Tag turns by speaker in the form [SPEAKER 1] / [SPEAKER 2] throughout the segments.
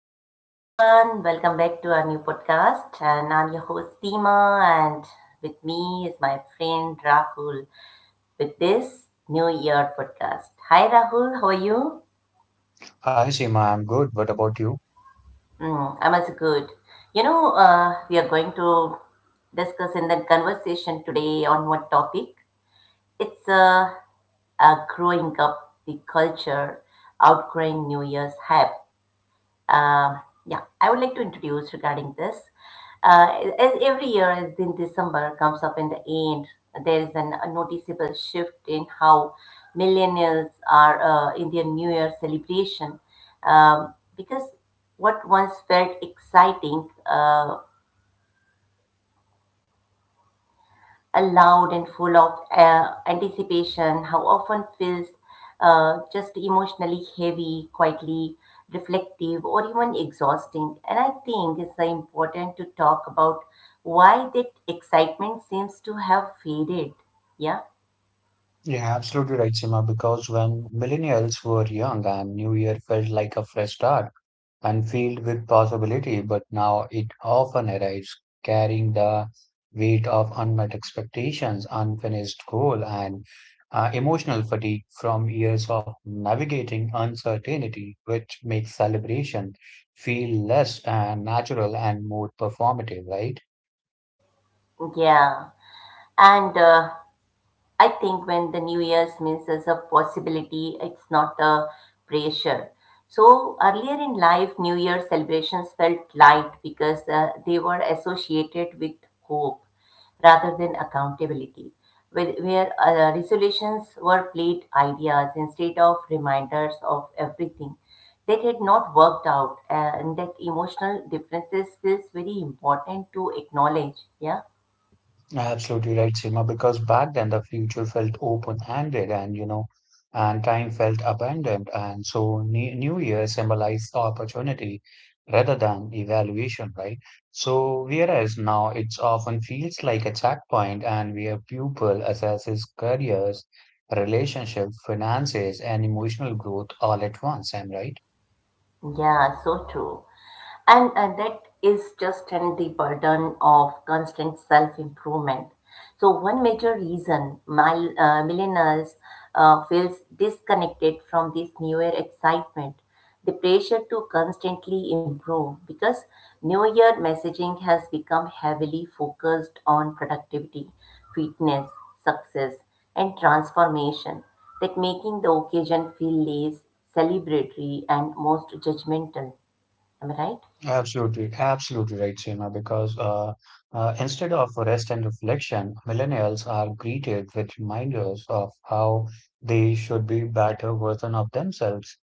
[SPEAKER 1] Hello everyone, welcome back to our new podcast. And I'm your host Seema, and with me is my friend Rahul with this New Year podcast. Hi Rahul, how are you?
[SPEAKER 2] Hi Seema, I'm good. What about you?
[SPEAKER 1] Mm, I'm also good. You know, we are going to discuss in the conversation today on one topic. It's growing up the culture, outgrowing New Year's hype. Um, yeah, I would like to introduce regarding this. As every year, as in December comes up in the end, a noticeable shift in how millennials are in their New Year celebration. Because what once felt exciting loud and full of anticipation, how often feels just emotionally heavy, quietly reflective, or even exhausting. And I think it's important to talk about why that excitement seems to have faded. Yeah,
[SPEAKER 2] You're absolutely right, Seema, because when millennials were young and New Year felt like a fresh start and filled with possibility, but now it often arrives carrying the weight of unmet expectations, unfinished goal, and emotional fatigue from years of navigating uncertainty, which makes celebration feel less natural and more performative, right?
[SPEAKER 1] yeah. And I think when the New Year's means as a possibility, it's not a pressure. So earlier in life, New Year celebrations felt light because they were associated with hope rather than accountability, where resolutions were played ideas instead of reminders of everything that had not worked out, and that emotional differences feels very important to acknowledge. Yeah.
[SPEAKER 2] Absolutely right, Seema, because back then the future felt open-handed and you know, and time felt abandoned, and so New Year symbolized opportunity rather than evaluation, right? So whereas now it's often feels like a checkpoint, and where pupil assesses careers, relationships, finances, and emotional growth all at once. Am I right?
[SPEAKER 1] Yeah, so true. And that is just and the burden of constant self-improvement. So one major reason millennials feels disconnected from this newer excitement, the pressure to constantly improve because new year messaging has become heavily focused on productivity, fitness, success, and transformation that making the occasion feel less celebratory and most judgmental. Am I right?
[SPEAKER 2] Absolutely right, Seema, because instead of rest and reflection, millennials are greeted with reminders of how they should be better version of themselves,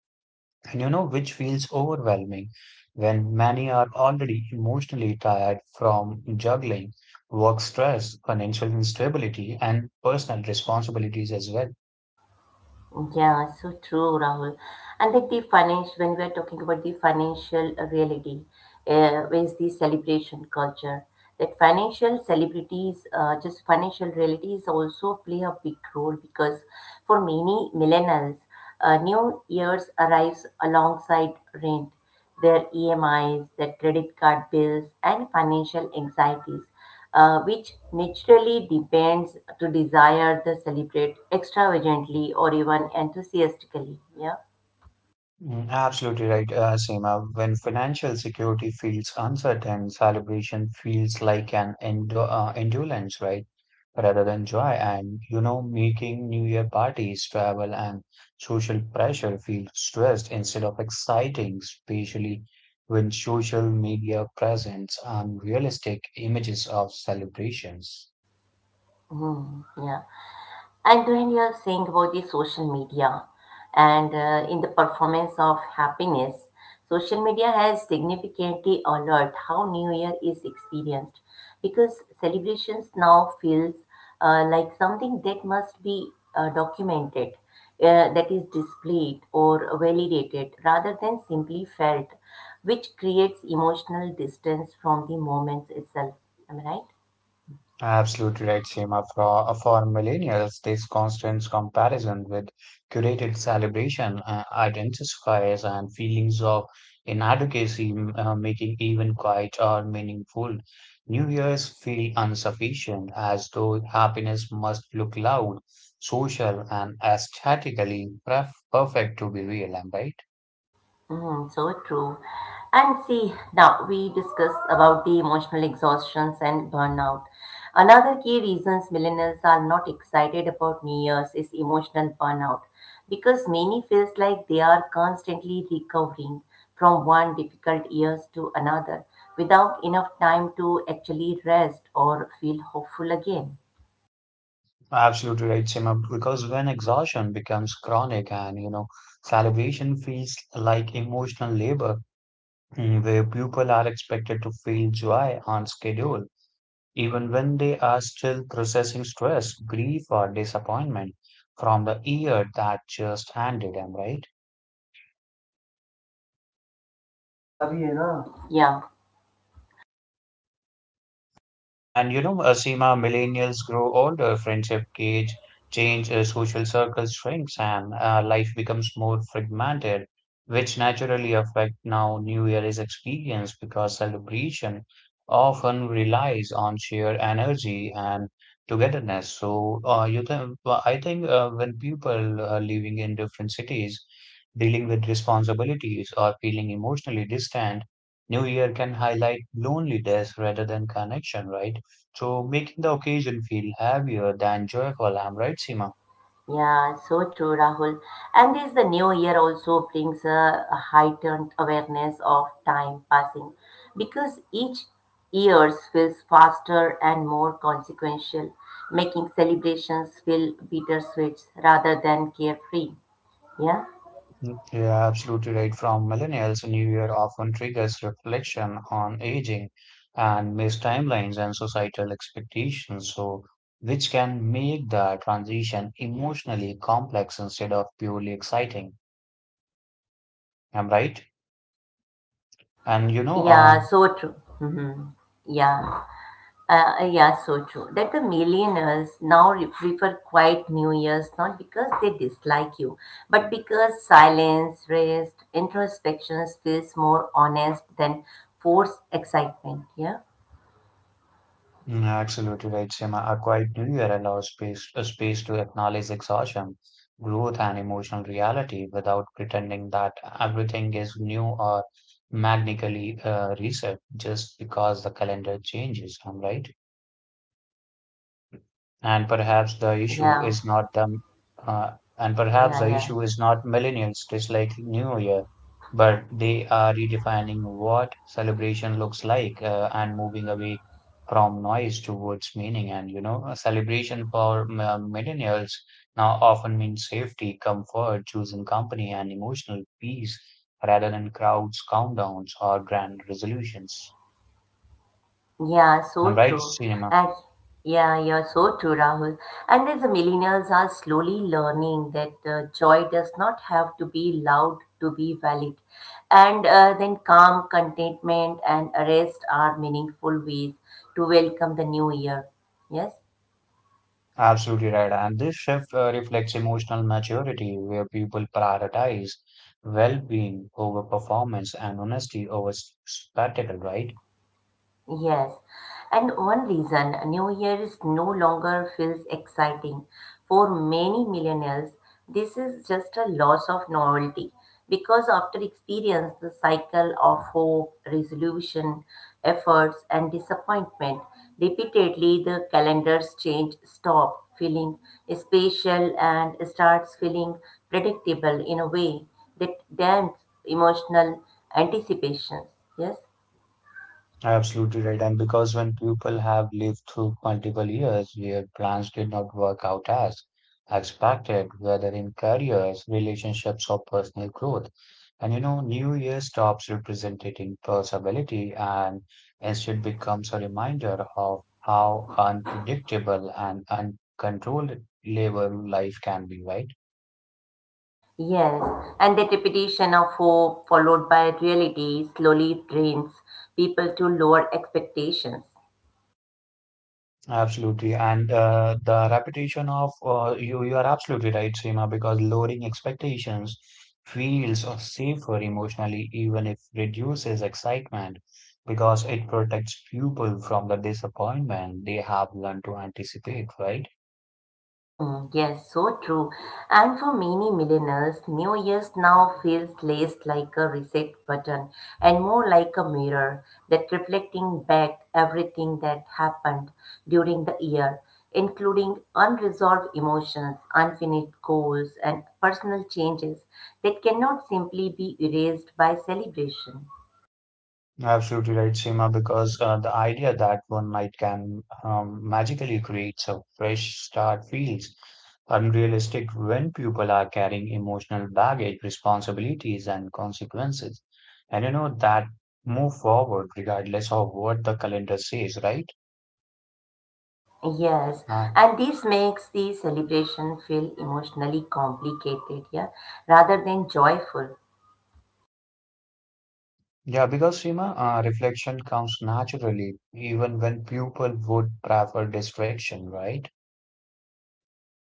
[SPEAKER 2] and you know, which feels overwhelming when many are already emotionally tired from juggling work stress, financial instability, and personal responsibilities as well.
[SPEAKER 1] Yeah, so true, Rahul. And like the financial, when we are talking about the financial reality, is the celebration culture. That financial celebrities, just financial realities also play a big role because for many millennials, New Year's arrives alongside rent, their EMIs, their credit card bills, and financial anxieties, which naturally depends to desire to celebrate extravagantly or even enthusiastically. Yeah.
[SPEAKER 2] Mm, absolutely right, Seema. When financial security feels uncertain, celebration feels like an endo endurance, right? Rather than joy. And, you know, making New Year parties, travel, and social pressure feel stressed instead of exciting, especially when social media presents unrealistic images of celebrations.
[SPEAKER 1] Mhm. Yeah. And when you are saying about the social media and in the performance of happiness, social media has significantly altered how New Year is experienced because celebrations now feels like something that must be documented, that is displayed or validated rather than simply felt, which creates emotional distance from the moments itself. Am I right?
[SPEAKER 2] Absolutely right, Seema. For millennials, this constant comparison with curated celebration identifiers and feelings of inadequacy, making even quiet or meaningful New Year's feel insufficient, as though happiness must look loud, social, and aesthetically perfect to be real. Am I right?
[SPEAKER 1] Mm, so true. And see, now we discussed about the emotional exhaustions and burnout. Another key reasons millennials are not excited about New Year's is emotional burnout because many feels like they are constantly recovering from one difficult years to another without enough time to actually rest or feel hopeful again.
[SPEAKER 2] Absolutely right, Seema. Because when exhaustion becomes chronic, and you know, celebration feels like emotional labor, mm, where people are expected to feel joy on schedule, even when they are still processing stress, grief, or disappointment from the year that just ended. Am I right?
[SPEAKER 1] Yeah.
[SPEAKER 2] And Seema, millennials grow older, friendship gauge change, social circles shrinks, and life becomes more fragmented, which naturally affect now New Year is experienced because celebration often relies on sheer energy and togetherness. So, you think, well, I think when people are living in different cities, dealing with responsibilities or feeling emotionally distant, New Year can highlight loneliness rather than connection, right? So making the occasion feel heavier than joyful, I'm right, Seema?
[SPEAKER 1] Yeah, so true, Rahul. And this the new year also brings a heightened awareness of time passing because each year feels faster and more consequential, making celebrations feel bittersweet rather than carefree. Yeah,
[SPEAKER 2] Mm, you're absolutely right. From millennials, New Year often triggers reflection on aging and missed timelines and societal expectations, so which can make the transition emotionally complex instead of purely exciting. I'm right? And you know, uh,
[SPEAKER 1] yeah, so true. Hmm. Yeah. Yeah, so true. That the millionaires now prefer quiet New Year's not because they dislike you, but because silence, rest, introspection feels more honest than forced excitement. Yeah,
[SPEAKER 2] Mm, absolutely right, Seema. A quiet New Year allows space, a space to acknowledge exhaustion, growth, and emotional reality without pretending that everything is new or magically reset just because the calendar changes. I'm right, and perhaps the issue
[SPEAKER 1] yeah,
[SPEAKER 2] is not the uh, and perhaps
[SPEAKER 1] yeah,
[SPEAKER 2] the
[SPEAKER 1] yeah.
[SPEAKER 2] issue is not millennials dislike New Year, but they are redefining what celebration looks like, and moving away from noise towards meaning. And you know, a celebration for millennials now often means safety, comfort, choosing company, and emotional peace rather than crowds, countdowns, or grand resolutions.
[SPEAKER 1] Yeah,
[SPEAKER 2] I'm
[SPEAKER 1] so
[SPEAKER 2] right,
[SPEAKER 1] true.
[SPEAKER 2] Cinema.
[SPEAKER 1] And yeah, you're so true, Rahul. And as the millennials are slowly learning that joy does not have to be loud to be valid. And then calm, contentment, and rest are meaningful ways to welcome the new year. Yes?
[SPEAKER 2] Absolutely right. And this shift reflects emotional maturity, where people prioritize well-being over performance and honesty over spectacle, right?
[SPEAKER 1] Yes, and one reason New Year is no longer feels exciting for many millennials, this is just a loss of novelty because after experience the cycle of hope, resolution, efforts and disappointment repeatedly the calendars change stop feeling special, and starts feeling predictable in a way that damps emotional anticipations. Yes.
[SPEAKER 2] Absolutely right. And because when people have lived through multiple years where plans did not work out as expected, whether in careers, relationships, or personal growth, and you know, New Year stops representing possibility and instead becomes a reminder of how unpredictable and uncontrollable life can be, right?
[SPEAKER 1] Yes, and the repetition of hope followed by reality slowly trains people to lower expectations.
[SPEAKER 2] Absolutely, and the repetition of you are absolutely right, Seema, because lowering expectations feels safer emotionally, even if reduces excitement, because it protects people from the disappointment they have learned to anticipate, right?
[SPEAKER 1] Hmm, yes, so true. And for many millennials, New Year's now feels less like a reset button and more like a mirror that reflecting back everything that happened during the year, including unresolved emotions, unfinished goals, and personal changes that cannot simply be erased by celebration.
[SPEAKER 2] Absolutely right, Seema, because the idea that one night can magically create a fresh start feels unrealistic when people are carrying emotional baggage, responsibilities, and consequences. And you know that move forward regardless of what the calendar says, right?
[SPEAKER 1] Yes,
[SPEAKER 2] Uh,
[SPEAKER 1] and this makes the celebration feel emotionally complicated, yeah, rather than joyful.
[SPEAKER 2] yeah, because Seema, reflection comes naturally even when people would prefer distraction, right?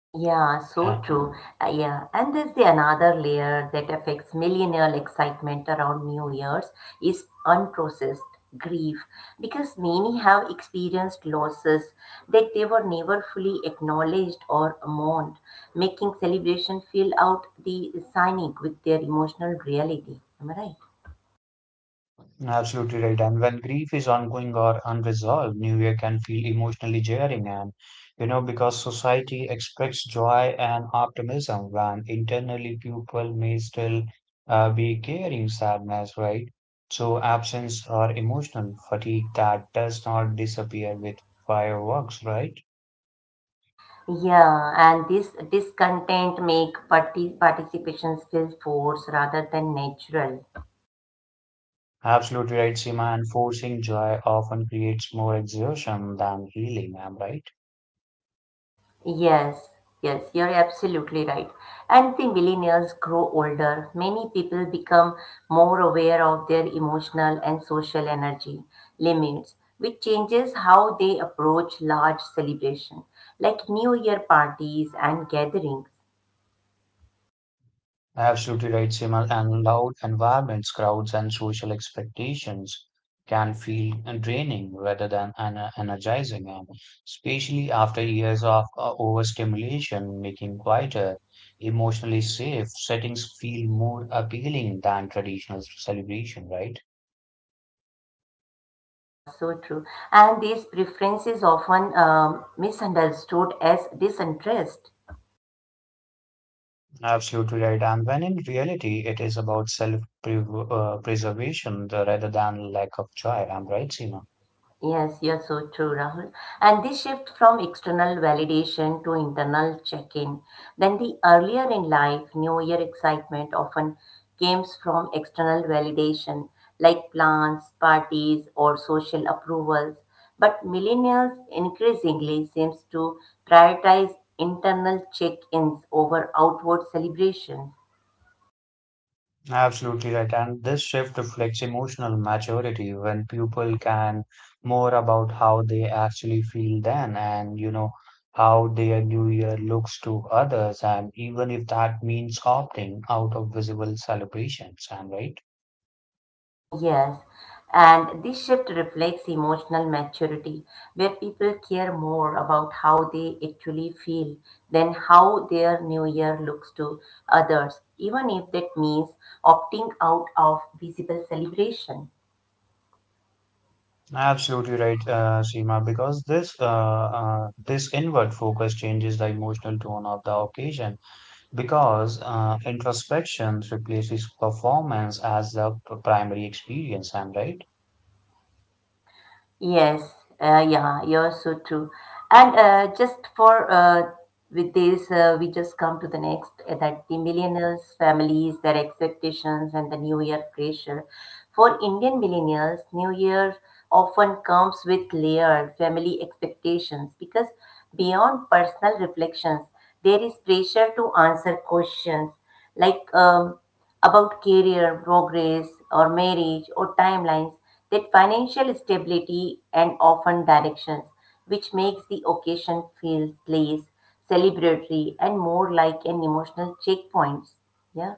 [SPEAKER 1] Yeah, so true. Yeah, and there's the another layer that affects millennial excitement around New Year's is unprocessed grief because many have experienced losses that they were never fully acknowledged or mourned, making celebration feel out the cynic with their emotional reality. Am I right?
[SPEAKER 2] Absolutely right. And when grief is ongoing or unresolved, New Year can feel emotionally jarring. And, you know, because society expects joy and optimism when internally people may still be carrying sadness, right? So, absence or emotional fatigue that does not disappear with fireworks, right?
[SPEAKER 1] Yeah, and this discontent make participations feel forced rather than natural.
[SPEAKER 2] Absolutely right, Seema. And forcing joy often creates more exertion than healing. Am I right?
[SPEAKER 1] Yes, yes, you're absolutely right. And the millennials grow older. Many people become more aware of their emotional and social energy limits, which changes how they approach large celebration, like New Year parties and gatherings.
[SPEAKER 2] Absolutely right, Simal. And loud environments, crowds, and social expectations can feel draining rather than energizing, and especially after years of overstimulation, making quieter, emotionally safe settings feel more appealing than traditional celebration, right?
[SPEAKER 1] Ah, so true. And these preferences often misunderstood as disinterest.
[SPEAKER 2] Absolutely right. And when in reality, it is about self-preservation rather than lack of joy. I'm right, Seema?
[SPEAKER 1] Yes, you're so true, Rahul. And this shift from external validation to internal check in, then the earlier in life New Year excitement often came from external validation like plans, parties, or social approvals. But millennials increasingly seems to prioritize internal check ins over outward celebrations.
[SPEAKER 2] Absolutely right. And this shift reflects emotional maturity when people can more about how they actually feel then and you know how their new year looks to others and even if that means opting out of visible celebrations and right?
[SPEAKER 1] Yes, and this shift reflects emotional maturity, where people care more about how they actually feel than how their new year looks to others, even if that means opting out of visible celebration.
[SPEAKER 2] Absolutely right, Seema, because this inward focus changes the emotional tone of the occasion because introspection replaces performance as the primary experience, am I right?
[SPEAKER 1] Yes, yeah, you're so true. And just for with this, we just come to the next that the millennials, families, their expectations, and the new year pressure. For Indian millennials, new year often comes with layered family expectations because beyond personal reflections, there is pressure to answer questions like. About career, progress, or marriage, or timelines, that financial stability and often directions, which makes the occasion feel less celebratory and more like an emotional checkpoint. Yeah.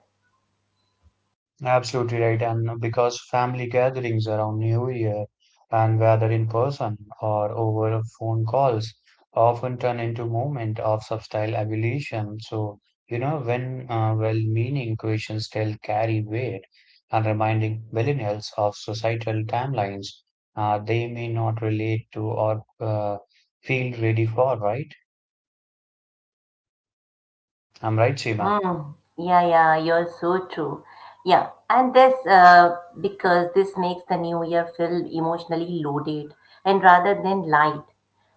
[SPEAKER 2] Absolutely right. And because family gatherings around New Year and whether in person or over phone calls often turn into moment of subtle evolution. So, you know, when well-meaning questions still carry weight and reminding millennials of societal timelines they may not relate to or feel ready for, right? I'm right, Seema.
[SPEAKER 1] Mm, yeah, yeah, you're so true. Yeah, and this because this makes the new year feel emotionally loaded and rather than light.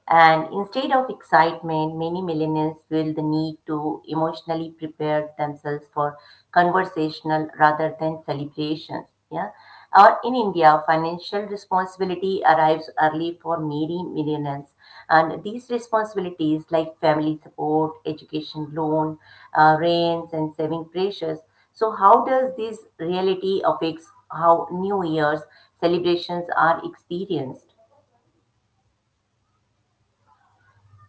[SPEAKER 1] And instead of excitement, many millennials feel the need to emotionally prepare themselves for conversational rather than celebrations. Yeah. Or in India, financial responsibility arrives early for many millennials. And these responsibilities like family support, education loan, rents and saving pressures. So how does this reality affects how New Year's celebrations are experienced?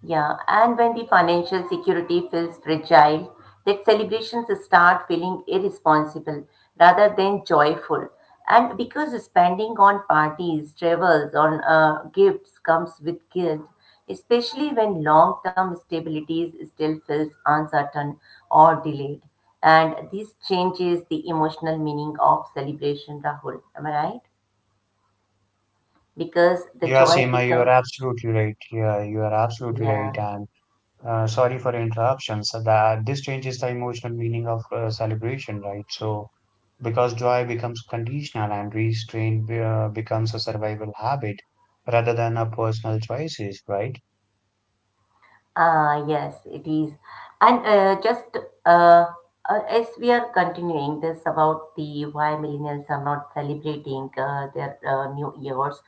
[SPEAKER 1] Yeah, and when the financial security feels fragile, that celebrations start feeling irresponsible rather than joyful. And because spending on parties, travels, on gifts comes with guilt, especially when long term stability still feels uncertain or delayed. And this changes the emotional meaning of celebration, Rahul. Am I right? Because the
[SPEAKER 2] Yeah,
[SPEAKER 1] joy
[SPEAKER 2] Seema, you are
[SPEAKER 1] becomes,
[SPEAKER 2] absolutely right. Yeah, you are absolutely right.
[SPEAKER 1] yeah.
[SPEAKER 2] And sorry for interruptions. So that this changes the emotional meaning of celebration, right? So because joy becomes conditional and restraint becomes a survival habit rather than a personal choices, right?
[SPEAKER 1] Ah, yes, it is. And just uh, as we are continuing this about the why millennials are not celebrating their new years,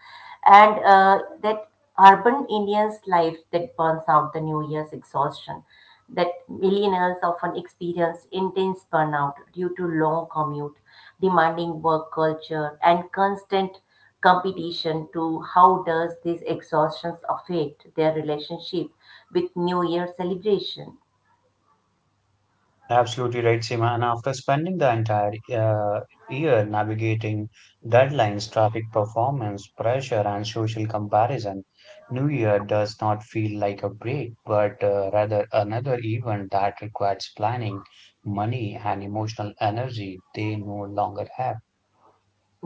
[SPEAKER 1] and that urban Indians' life that burns out the new year's exhaustion, that millennials often experience intense burnout due to long commute, demanding work culture, and constant competition to how does this exhaustion affect their relationship with new year celebration.
[SPEAKER 2] Absolutely right, Seema. And after spending the entire year navigating deadlines, traffic performance, pressure, and social comparison, New Year does not feel like a break, but rather another event that requires planning, money, and emotional energy they no longer have.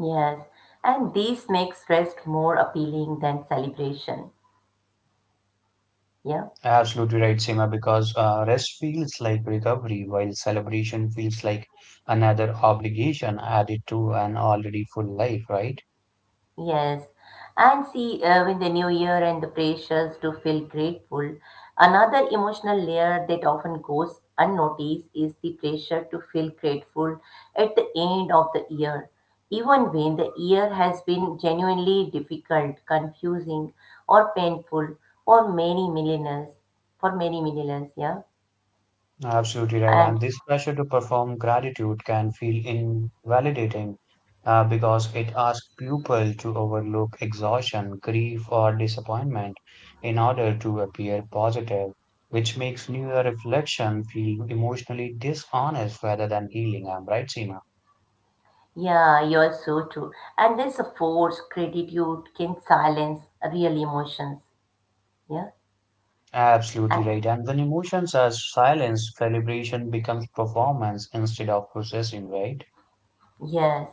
[SPEAKER 1] Yes, and this makes rest more appealing than celebration, yeah.
[SPEAKER 2] Absolutely right, Seema, because rest feels like recovery, while celebration feels like another obligation added to an already full life, right?
[SPEAKER 1] Yes, and see, with the new year and the pressures to feel grateful, another emotional layer that often goes unnoticed is the pressure to feel grateful at the end of the year. Even when the year has been genuinely difficult, confusing, or painful, or many millionaires, for many millionaires, yeah.
[SPEAKER 2] Absolutely right.
[SPEAKER 1] And
[SPEAKER 2] And this pressure to perform gratitude can feel invalidating because it asks people to overlook exhaustion, grief, or disappointment in order to appear positive, which makes New Year reflection feel emotionally dishonest rather than healing. I'm right, Seema?
[SPEAKER 1] yeah, you're so true. And this forced gratitude can silence real emotions, yeah.
[SPEAKER 2] Absolutely
[SPEAKER 1] And.
[SPEAKER 2] right. And when emotions are silenced, celebration becomes performance instead of processing, right?
[SPEAKER 1] Yes.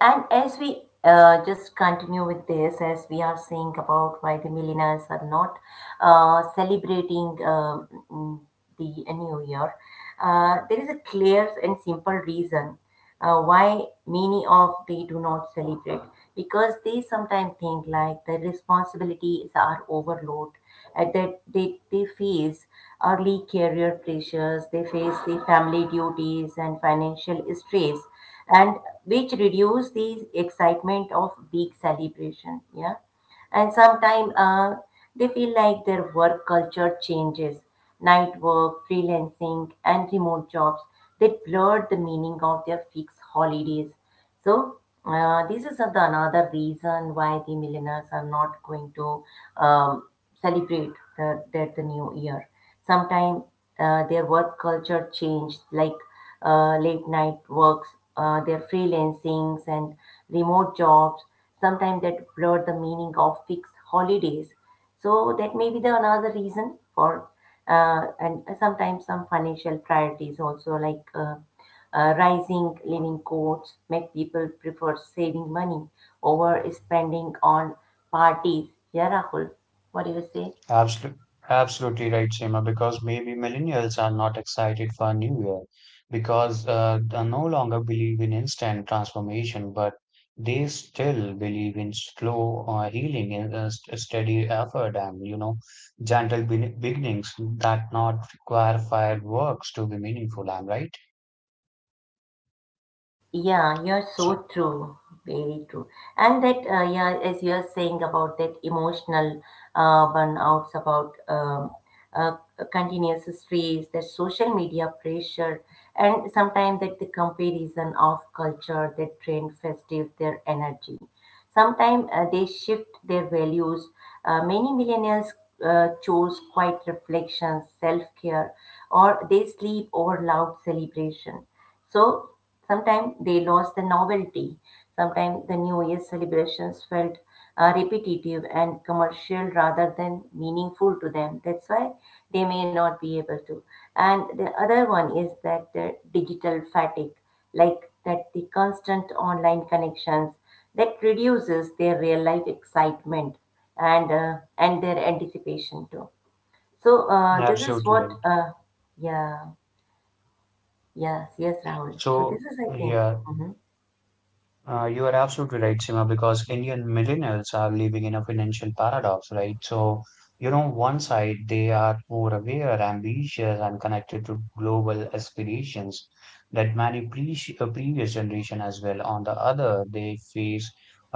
[SPEAKER 1] And as we just continue with this, as we are saying about why the millennials are not celebrating the new year, there is a clear and simple reason why many of they do not celebrate because they sometimes think like the responsibilities are overload and that they face early career pressures, they face the family duties and financial stress, and which reduce the excitement of big celebration, yeah. And sometimes they feel like their work culture changes, night work, freelancing, and remote jobs, they blur the meaning of their fixed holidays. So this is the another reason why the millennials are not going to um, celebrate the new year. Sometimes their work culture changed, like late night works, their freelancings and remote jobs. Sometimes that blur the meaning of fixed holidays. So that may be the another reason for, and sometimes some financial priorities also like rising living costs make people prefer saving money over spending on parties. Yeah, Rahul, what do you say?
[SPEAKER 2] Absolutely, absolutely right, Seema, because maybe millennials are not excited for a new year because they no longer believe in instant transformation, but they still believe in slow healing and steady effort and, you know, gentle be beginnings that not require fireworks to be meaningful. I'm right.
[SPEAKER 1] Yeah, you're
[SPEAKER 2] So,
[SPEAKER 1] so true, very true. And that, yeah, as you're saying about that emotional burnouts, about uh, continuous stress, that social media pressure, and sometimes that the comparison of culture that drain festive their energy. Sometimes they shift their values. Many millennials chose quiet reflection, self care, or they sleep over loud celebration. So sometimes they lost the novelty. Sometimes the New Year celebrations felt repetitive and commercial rather than meaningful to them. That's why they may not be able to. And the other one is that the digital fatigue like that the constant online connections that reduces their real life excitement and and their anticipation too. So this is
[SPEAKER 2] absolutely
[SPEAKER 1] what
[SPEAKER 2] right.
[SPEAKER 1] yeah, yes, yes, Rahul, so this
[SPEAKER 2] So,
[SPEAKER 1] is I think
[SPEAKER 2] yeah.
[SPEAKER 1] mm-hmm.
[SPEAKER 2] You are absolutely right, Sima, because Indian millennials are living in a financial paradox, right? So, you know, one side they are more aware, ambitious, and connected to global aspirations that many previous generation as well. On the other, they face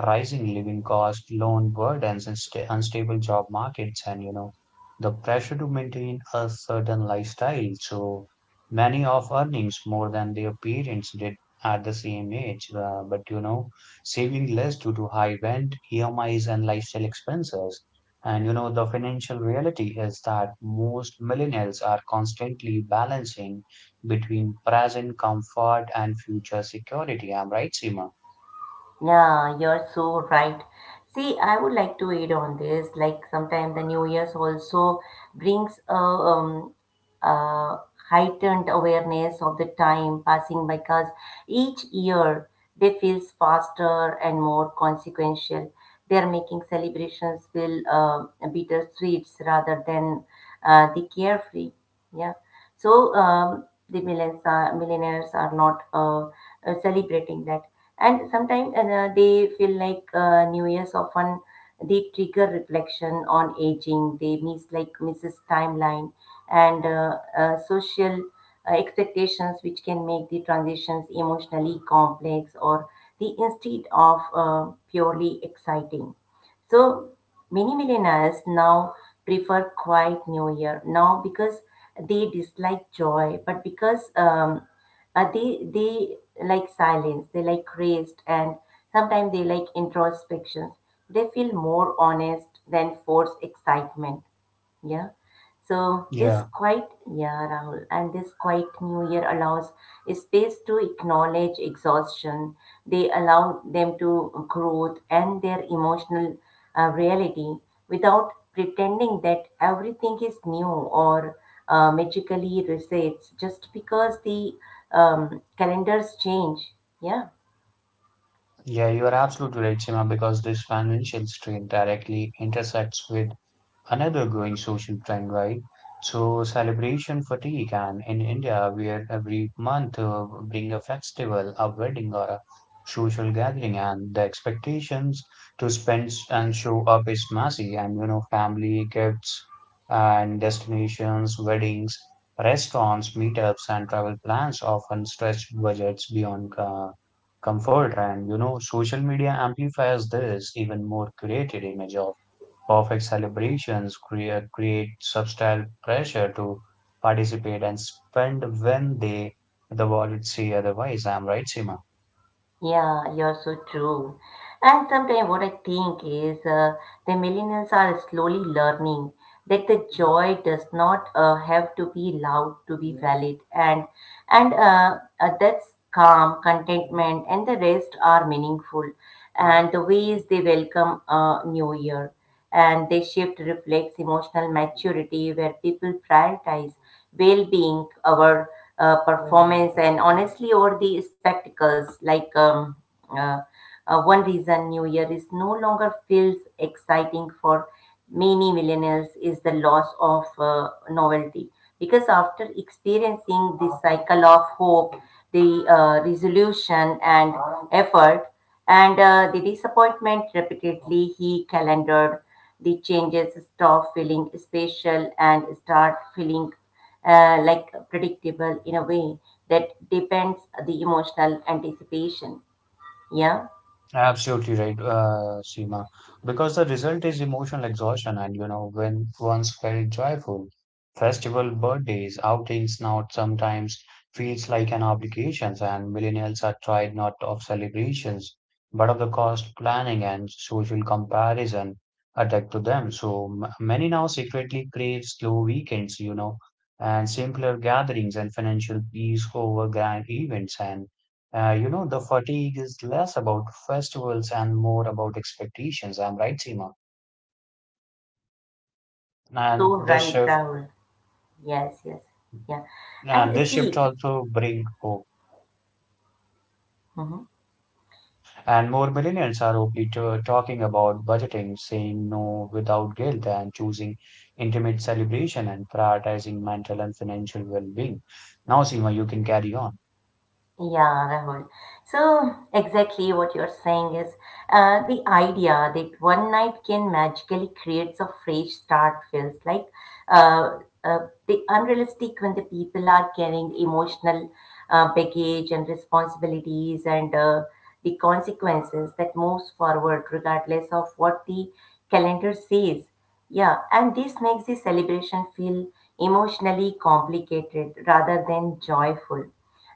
[SPEAKER 2] rising living costs, loan burdens, and sta unstable job markets, and you know, the pressure to maintain a certain lifestyle. So, many of earnings more than their parents did at the same age, but you know, saving less due to high rent, EMIs, and lifestyle expenses. And you know, the financial reality is that most millennials are constantly balancing between present comfort and future security. I'm right, Seema?
[SPEAKER 1] Yeah, you're so right. See, I would like to add on this. Like sometimes the New Year's also brings a uh, heightened awareness of the time passing because each year they feels faster and more consequential. They're making celebrations feel bittersweet rather than the carefree. Yeah. So the millennials are not celebrating that, and sometimes they feel like new year's often they trigger reflection on aging, they miss like misses timeline, and social expectations which can make the transitions emotionally complex or the instead of purely exciting. So many millennials now prefer quiet New Year, now because they dislike joy, but because they like silence, they like rest, and sometimes they like introspections. They feel more honest than forced excitement. Yeah. So this
[SPEAKER 2] Yeah,
[SPEAKER 1] quiet, yeah, Rahul, and this quiet new year allows space to acknowledge exhaustion. They allow them to growth and their emotional reality without pretending that everything is new or magically resets just because the calendars change. Yeah.
[SPEAKER 2] yeah, you are absolutely right, Seema, because this financial strain directly intersects with another growing social trend, right? So celebration fatigue, and in India, where every month bring a festival, a wedding, or a social gathering, and the expectations to spend and show up is massive, and you know, family, gifts, and destinations, weddings, restaurants, meetups, and travel plans often stretch budgets beyond comfort, and you know, social media amplifies this even more curated image of perfect celebrations create subtle pressure to participate and spend when the wallets say otherwise. I'm right, Seema.
[SPEAKER 1] Yeah, you're so true. And sometimes what I think is the millennials are slowly learning that the joy does not have to be loud to be valid. And that's calm contentment and the rest are meaningful, and the ways they welcome a new year and they shift reflects emotional maturity where people prioritize well-being over performance and honestly over the spectacles like uh, one reason new year is no longer feels exciting for many millennials is the loss of novelty because after experiencing this cycle of hope, the resolution and effort and the disappointment repeatedly, he calendared the changes stop feeling spatial and start feeling like predictable in a way that depends the emotional anticipation. Yeah,
[SPEAKER 2] Absolutely right, Seema. Because the result is emotional exhaustion, and you know, when once felt joyful, festival, birthdays, outings now sometimes feels like an obligation, and millennials are tried not of celebrations, but of the cost planning and social comparison attached to them. So many now secretly crave slow weekends, you know, and simpler gatherings and financial peace over grand events and you know, the fatigue is less about festivals and more about expectations. I'm right, Seema.
[SPEAKER 1] so
[SPEAKER 2] And this
[SPEAKER 1] right,
[SPEAKER 2] shift,
[SPEAKER 1] Rahul. Yes, yes, yeah. And
[SPEAKER 2] and this shift
[SPEAKER 1] see.
[SPEAKER 2] also bring hope.
[SPEAKER 1] Mhm.
[SPEAKER 2] And more millennials are openly talking about budgeting, saying no without guilt, and choosing intimate celebration and prioritizing mental and financial well-being. Now, Seema, you can carry on.
[SPEAKER 1] Yeah, Rahul. So, exactly what you're saying is the idea that one night can magically creates a fresh start feels like uh, the unrealistic when the people are carrying emotional baggage and responsibilities and the consequences that moves forward regardless of what the calendar says. Yeah, and this makes the celebration feel emotionally complicated rather than joyful.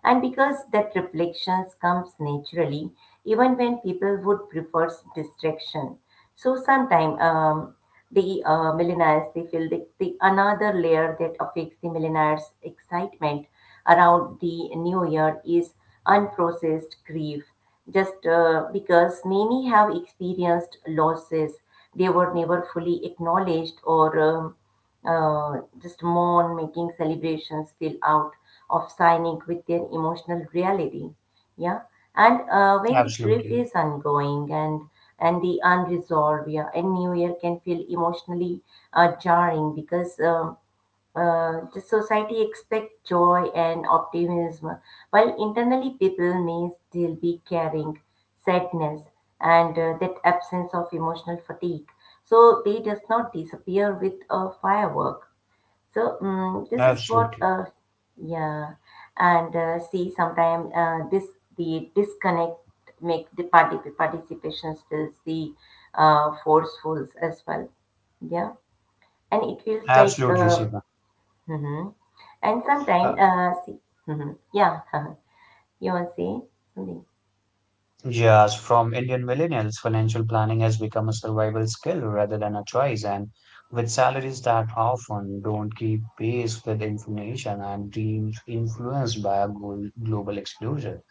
[SPEAKER 1] And because that reflections comes naturally, even when people would prefer distraction. So sometimes the millennials, they feel the another layer that affects the millennials' excitement around the new year is unprocessed grief, just because many have experienced losses they were never fully acknowledged or just mourn, making celebrations feel out of sync with their emotional reality. Yeah. And when the grief
[SPEAKER 2] Absolutely,
[SPEAKER 1] is ongoing and the unresolved, yeah, and new year can feel emotionally jarring because the society expects joy and optimism, while internally people may still be carrying sadness, and that absence of emotional fatigue. So they does not disappear with a firework. So
[SPEAKER 2] absolutely,
[SPEAKER 1] yeah, and see sometimes this the disconnect make the party participation feels the forceful as well. Yeah, and it feels like.
[SPEAKER 2] absolutely, Seema.
[SPEAKER 1] Mm-hmm. And sometimes,
[SPEAKER 2] Uh,
[SPEAKER 1] see, hmm, yeah, you want to say something?
[SPEAKER 2] Yes, from Indian millennials, financial planning has become a survival skill rather than a choice, and with salaries that often don't keep pace with inflation and being influenced by a global explosion.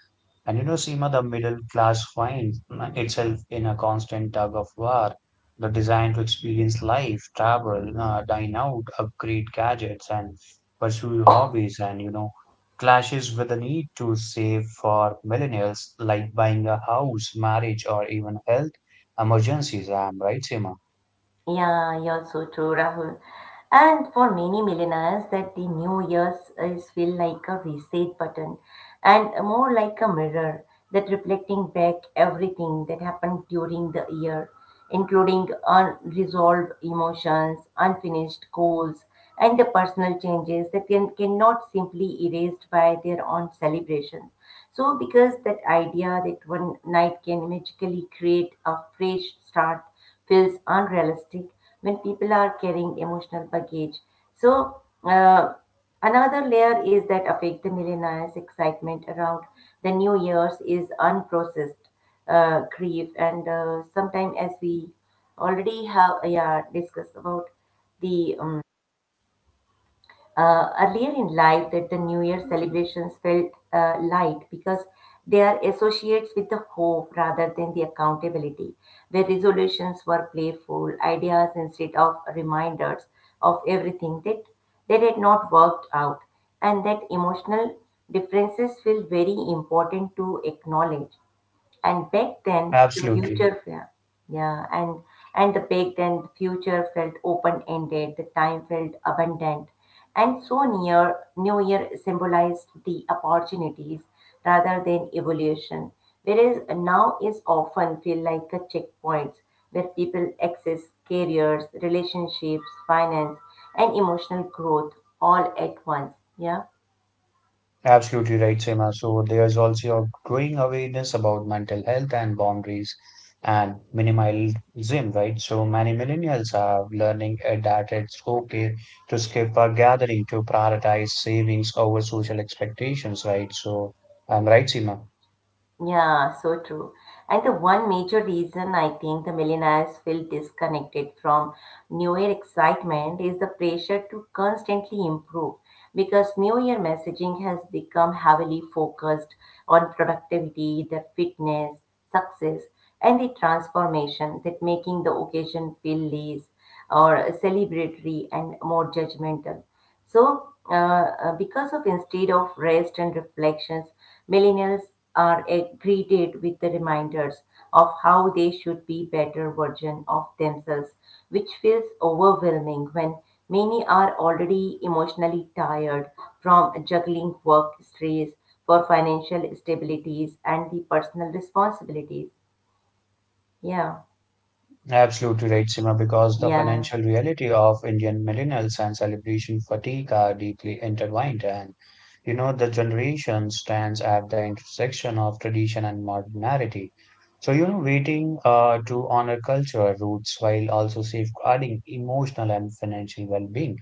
[SPEAKER 2] And you know, Seema, the middle class finds itself in a constant tug of war. The desire to experience life, travel, dine out, upgrade gadgets, and pursue hobbies, and you know, clashes with the need to save for millennials, like buying a house, marriage, or even health emergencies. I'm right, Seema?
[SPEAKER 1] Yeah, you're so true, Rahul. And for many millionaires, that the New Year's is feel like a reset button and more like a mirror that reflecting back everything that happened during the year, including unresolved emotions, unfinished goals, and the personal changes that can, cannot simply erased by their own celebration. So because that idea that one night can magically create a fresh start feels unrealistic when people are carrying emotional baggage. So, another layer is that affect the millionaires' excitement around the New Year's is unprocessed grief, and sometimes as we already have, yeah, discussed about the earlier in life, that the New Year celebrations felt light because they are associates with the hope rather than the accountability, where resolutions were playful ideas instead of reminders of everything that had not worked out, and that emotional differences feel very important to acknowledge, and back then the
[SPEAKER 2] Absolutely.
[SPEAKER 1] future felt yeah and the back then the future felt open ended, the time felt abundant, and so near new year symbolized the opportunities rather than evolution, whereas now is often feel like a checkpoint where people access careers, relationships, finance, and emotional growth all at once. Yeah.
[SPEAKER 2] Absolutely right, Seema. So there's also a growing awareness about mental health and boundaries and minimalism, right? So many millennials are learning that it's okay to skip a gathering to prioritize savings over social expectations, right? So I'm right, Seema.
[SPEAKER 1] Yeah, so true. And the one major reason I think the millionaires feel disconnected from New Year excitement is the pressure to constantly improve because New Year messaging has become heavily focused on productivity, the fitness, success, and the transformation that making the occasion feel less or celebratory and more judgmental. So, because of instead of rest and reflections, millennials are greeted with the reminders of how they should be better version of themselves, which feels overwhelming when many are already emotionally tired from juggling work stress for financial stabilities and the personal responsibilities. Yeah,
[SPEAKER 2] Absolutely right, Sima, because the
[SPEAKER 1] yeah.
[SPEAKER 2] financial reality of Indian millennials and celebration fatigue are deeply intertwined. And, you know, the generation stands at the intersection of tradition and modernity. So, you know, waiting to honor cultural roots while also safeguarding emotional and financial well being.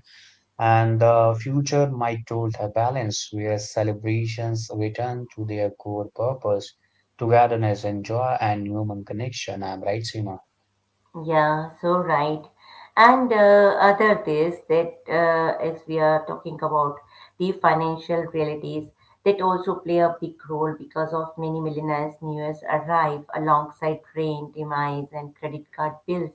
[SPEAKER 2] And the future might hold a balance where celebrations return to their core purpose, togetherness and joy and human connection. I'm right, Sima.
[SPEAKER 1] Yeah, so right. And other this that as we are talking about the financial realities that also play a big role because of many millionaires newest arrive alongside drain, demise and credit card bills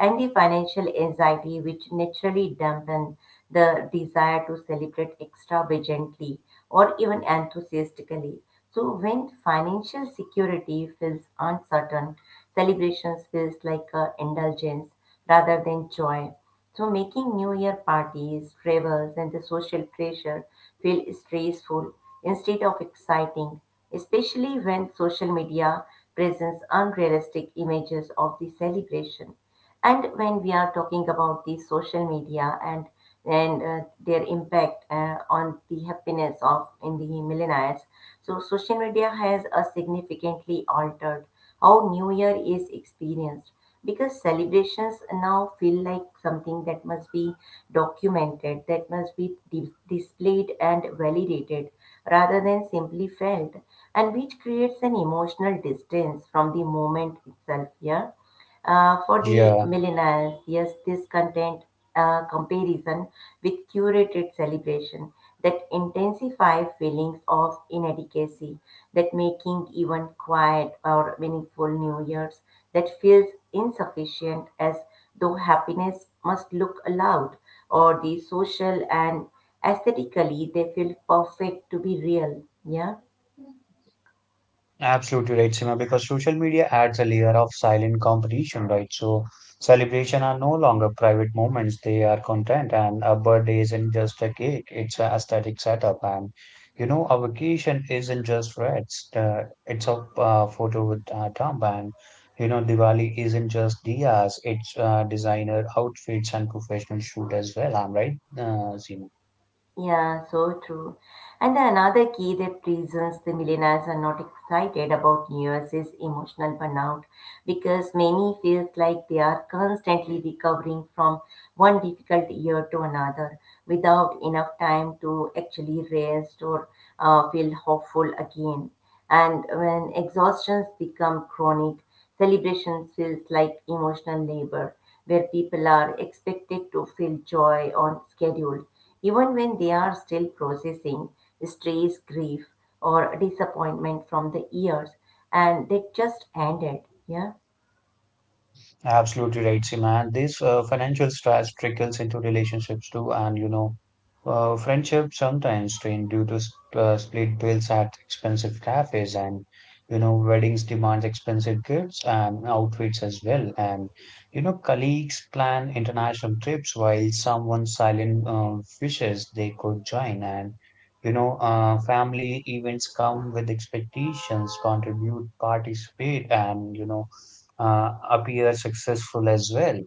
[SPEAKER 1] and the financial anxiety which naturally dampen the desire to celebrate extravagantly or even enthusiastically. So when financial security feels uncertain, celebrations feels like a indulgence rather than joy. So making New Year parties, travels, and the social pressure feel stressful instead of exciting, especially when social media presents unrealistic images of the celebration. And when we are talking about the social media and their impact on the happiness of in the millionaires. So social media has significantly altered how New Year is experienced because celebrations now feel like something that must be documented, that must be displayed and validated rather than simply felt, and which creates an emotional distance from the moment itself. Yeah. For the
[SPEAKER 2] Yeah.
[SPEAKER 1] millennials, yes, this content comparison with curated celebration that intensify feelings of inadequacy, that making even quiet or meaningful New Year's that feels insufficient as though happiness must look loud or the social and aesthetically they feel perfect to be real. Yeah.
[SPEAKER 2] Absolutely right, Sima, because social media adds a layer of silent competition, right? So celebration are no longer private moments, they are content, and a birthday isn't just a cake, it's an aesthetic setup. And you know, a vacation isn't just rest, it's a photo with thumb, and you know, Diwali isn't just diyas, it's designer outfits and professional shoot as well. I'm right, Seema?
[SPEAKER 1] Yeah, so true. And another key that reasons the millennials are not excited about New Year's is emotional burnout because many feels like they are constantly recovering from one difficult year to another without enough time to actually rest or feel hopeful again. And when exhaustions become chronic, celebrations feels like emotional labor where people are expected to feel joy on schedule even when they are still processing stress, grief, or disappointment from the years and they just ended. Yeah.
[SPEAKER 2] Absolutely right, Seema. And this financial stress trickles into relationships too. And you know, friendship sometimes strain due to sp split bills at expensive cafes, and you know, weddings demand expensive gifts and outfits as well. And you know, colleagues plan international trips while someone silent wishes they could join. And you know, family events come with expectations, contribute, participate, and you know, appear successful as well.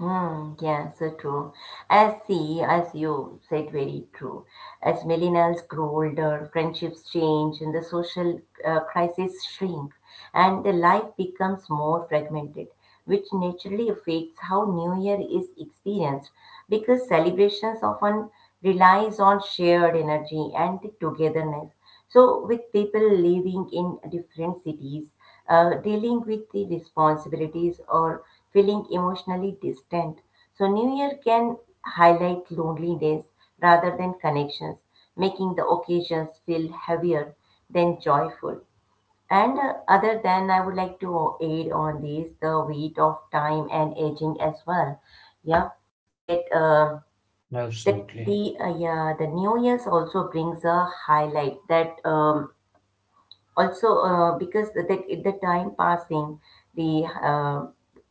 [SPEAKER 1] Mm, yes, so true. As see, as you said, very true. As millennials grow older, friendships change, and the social crises shrink, and the life becomes more fragmented, which naturally affects how New Year is experienced, because celebrations often relies on shared energy and the togetherness. So, with people living in different cities dealing with the responsibilities or feeling emotionally distant. So, New Year can highlight loneliness rather than connections, making the occasions feel heavier than joyful. And other than, I would like to aid on this the weight of time and aging as well. Yeah, that that
[SPEAKER 2] Absolutely.
[SPEAKER 1] the yeah the New Year's also brings a highlight that also because that at the time passing the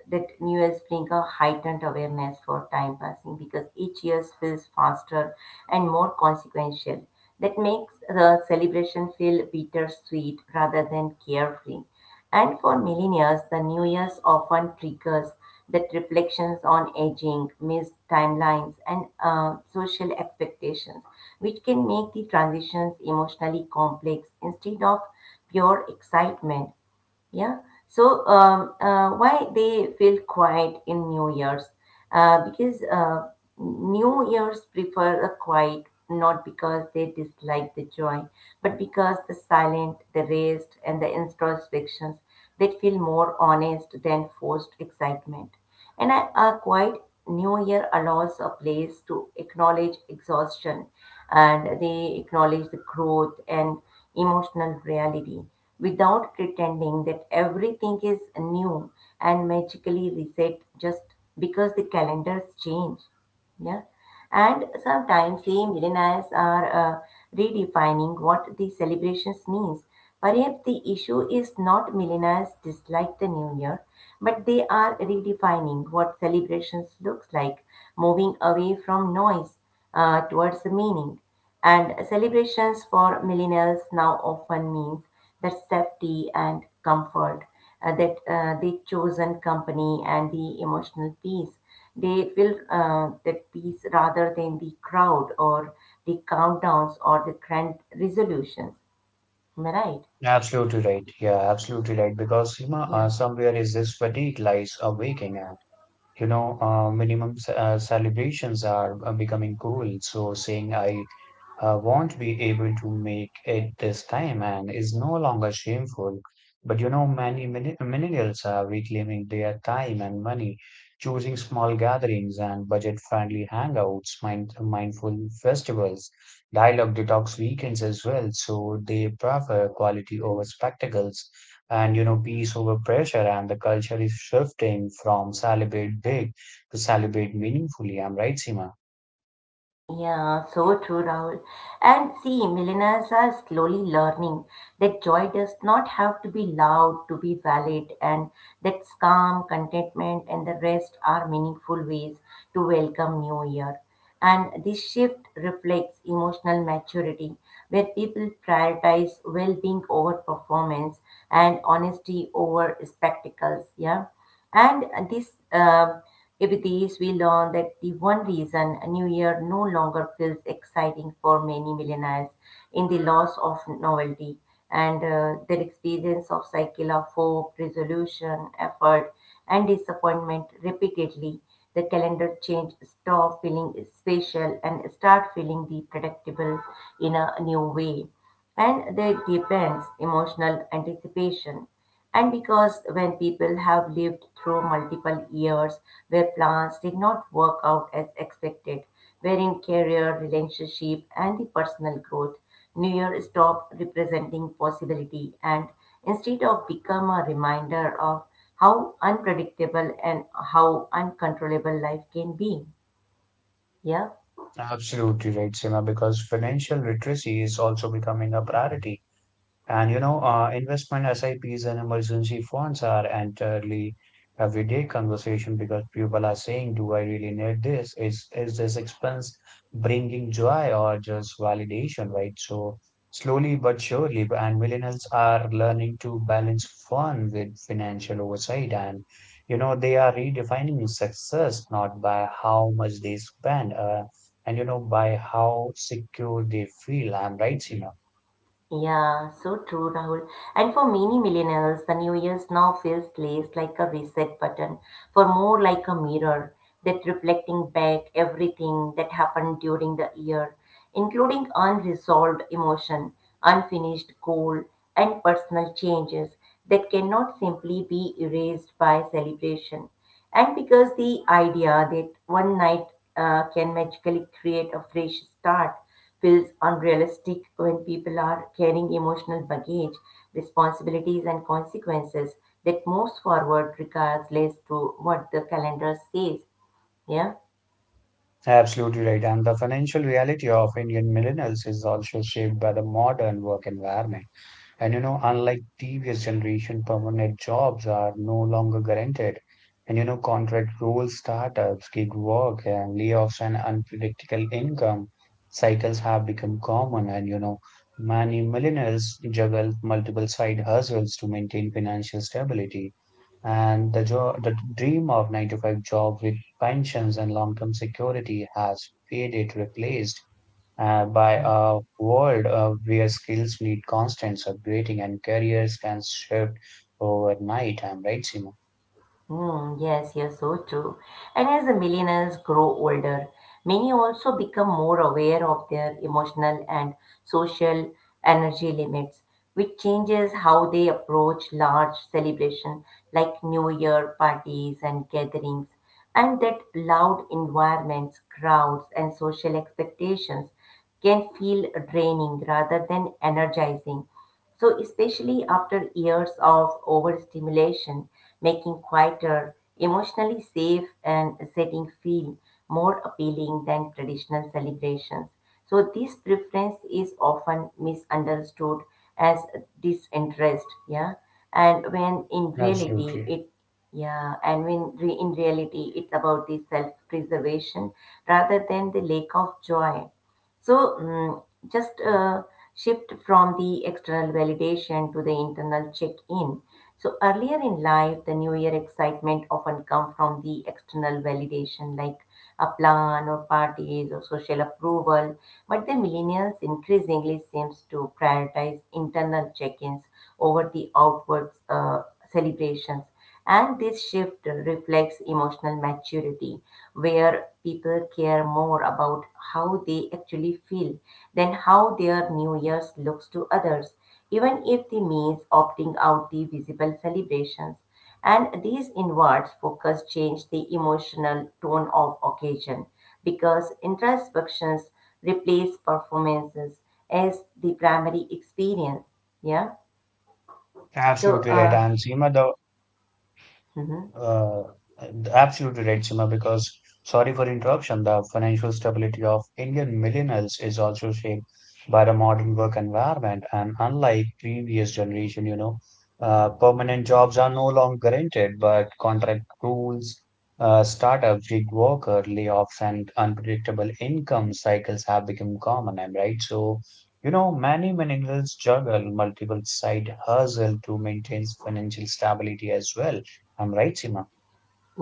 [SPEAKER 1] that new year's bring a heightened awareness for time passing because each year feels faster and more consequential that makes the celebration feel bittersweet rather than carefree, and for millennials, the New Year's often triggers that reflections on aging, missed timelines, and social expectations, which can make the transitions emotionally complex instead of pure excitement. Yeah. So why they feel quiet in New Year's? Because New Year's prefer a quiet, not because they dislike the joy, but because the silent, the rest, and the introspections that feel more honest than forced excitement. And I, a quiet New Year allows a place to acknowledge exhaustion and they acknowledge the growth and emotional reality without pretending that everything is new and magically reset just because the calendars change. Yeah. And sometimes the millennials are redefining what the celebrations means. Perhaps the issue is not millennials dislike the new year, but they are redefining what celebrations looks like, moving away from noise towards the meaning. And celebrations for millennials now often means that safety and comfort, that the chosen company and the emotional peace. They will that peace rather than the crowd or the countdowns or the grand resolutions. Am I right?
[SPEAKER 2] Absolutely right. Yeah, absolutely right. Because you know,
[SPEAKER 1] Yeah.
[SPEAKER 2] somewhere is this fatigue lies awaking at. You know, celebrations are becoming cool. So saying I won't be able to make it this time and is no longer shameful. But you know, many millennials are reclaiming their time and money, choosing small gatherings and budget-friendly hangouts, mindful festivals, dialogue detox weekends as well. So they prefer quality over spectacles and, you know, peace over pressure. And the culture is shifting from celebrate big to celebrate meaningfully. I'm right, Seema.
[SPEAKER 1] Yeah, so true, Rahul. And see, millennials are slowly learning that joy does not have to be loud to be valid, and that calm, contentment, and the rest are meaningful ways to welcome New Year. And this shift reflects emotional maturity, where people prioritize well being over performance and honesty over spectacles. Yeah, and this. With these, we learn that the one reason a new year no longer feels exciting for many millionaires in the loss of novelty and their experience of cycle of hope, resolution, effort, and disappointment repeatedly. The calendar change stop feeling special and start feeling the predictable in a new way. And they depends emotional anticipation. And because when people have lived through multiple years where plans did not work out as expected, wherein career, relationship, and the personal growth, New Year stopped representing possibility and instead of become a reminder of how unpredictable and how uncontrollable life can be. Yeah.
[SPEAKER 2] Absolutely right, Seema, because financial literacy is also becoming a priority. And you know, investment SIPs and emergency funds are entirely everyday conversation because people are saying, "Do I really need this? Is this expense bringing joy or just validation?" Right? So slowly but surely, and millennials are learning to balance fun with financial oversight, and you know, they are redefining success not by how much they spend, and you know, by how secure they feel. I'm right, Seema?
[SPEAKER 1] Yeah, so true, Rahul. And for many millennials, the New Year's now feels less like a reset button, for more like a mirror that reflecting back everything that happened during the year, including unresolved emotion, unfinished goal, and personal changes that cannot simply be erased by celebration. And because the idea that one night can magically create a fresh start feels unrealistic when people are carrying emotional baggage, responsibilities, and consequences that moves forward regards less to what the calendar says. Yeah.
[SPEAKER 2] Absolutely right. And the financial reality of Indian millennials is also shaped by the modern work environment. And you know, unlike previous generation, permanent jobs are no longer guaranteed. And you know, contract roles, startups, gig work, and layoffs and unpredictable income cycles have become common. And you know, many millennials juggle multiple side hustles to maintain financial stability. And the dream of 9 to 5 job with pensions and long-term security has faded, replaced by a world where skills need constant upgrading and careers can shift overnight. I'm right, Seema?
[SPEAKER 1] Hmm, yes, yes, so true. And as the millennials grow older, many also become more aware of their emotional and social energy limits, which changes how they approach large celebration like New Year parties and gatherings, and that loud environments, crowds, and social expectations can feel draining rather than energizing so, especially after years of overstimulation, making quieter, emotionally safe, and setting feel more appealing than traditional celebrations. So, this preference is often misunderstood as disinterest, yeah, and when in reality
[SPEAKER 2] Absolutely.
[SPEAKER 1] it yeah, and when re- in reality it's about the self preservation rather than the lack of joy. So mm, just shift from the external validation to the internal check-in. So earlier in life, the New Year excitement often come from the external validation like a plan or parties or social approval. But the millennials increasingly seems to prioritize internal check-ins over the outward celebrations. And this shift reflects emotional maturity, where people care more about how they actually feel than how their New Year's looks to others, even if the means opting out the visible celebrations. And these inwards focus change the emotional tone of occasion because introspections replace performances as the primary experience. Yeah. So,
[SPEAKER 2] Absolutely right.
[SPEAKER 1] uh,
[SPEAKER 2] And Seema, the
[SPEAKER 1] mhm.
[SPEAKER 2] Uh, absolutely right, Sima, because sorry for interruption, the financial stability of Indian millennials is also shaped by the modern work environment. And unlike previous generation, you know, permanent jobs are no longer guaranteed, but contract rules, startups, gig worker, layoffs, and unpredictable income cycles have become common. Am right. So, you know, many millennials juggle multiple side hustle to maintain financial stability as well. I'm right, Seema.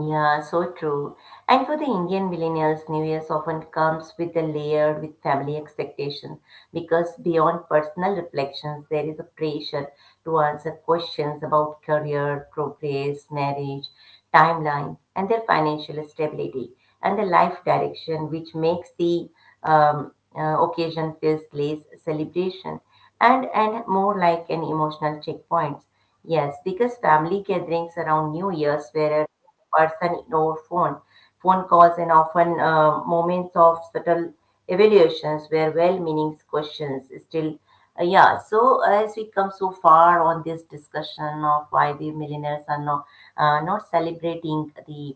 [SPEAKER 1] Yeah, so true. And for the Indian millennials, New Year's often comes with a layered with family expectations because beyond personal reflections, there is a pressure to answer questions about career, progress, marriage, timelines, and their financial stability and the life direction, which makes the occasion feels less celebration and more like an emotional checkpoint. Yes, because family gatherings around New Year's were a person ignore phone calls and often moments of subtle evaluations where well-meaning questions still yeah, so as we come so far on this discussion of why the millionaires are not celebrating the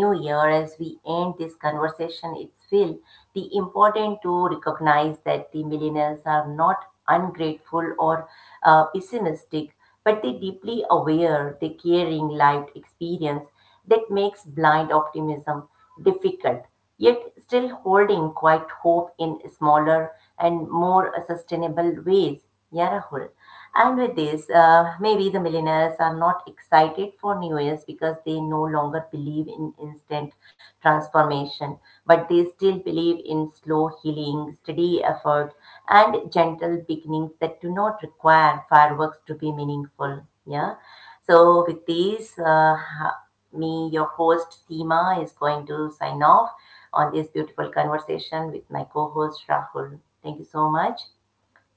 [SPEAKER 1] new year, as we end this conversation, it's feel the important to recognize that the millennials are not ungrateful or pessimistic, but they deeply aware the caring life experience that makes blind optimism difficult, yet still holding quite hope in smaller and more sustainable ways. Yeah, Rahul. And with maybe the millionaires are not excited for New Year's because they no longer believe in instant transformation, but they still believe in slow healing, steady effort, and gentle beginnings that do not require fireworks to be meaningful. Yeah. So, with me, your host Seema, is going to sign off on this beautiful conversation with my co host Rahul. Thank you so much.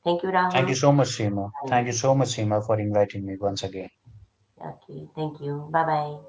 [SPEAKER 1] Thank you,
[SPEAKER 2] Thank you
[SPEAKER 1] Rahul.
[SPEAKER 2] so much, Seema.
[SPEAKER 1] Bye.
[SPEAKER 2] Thank you so much, Seema, for inviting me once again.
[SPEAKER 1] Okay, thank you. Bye bye.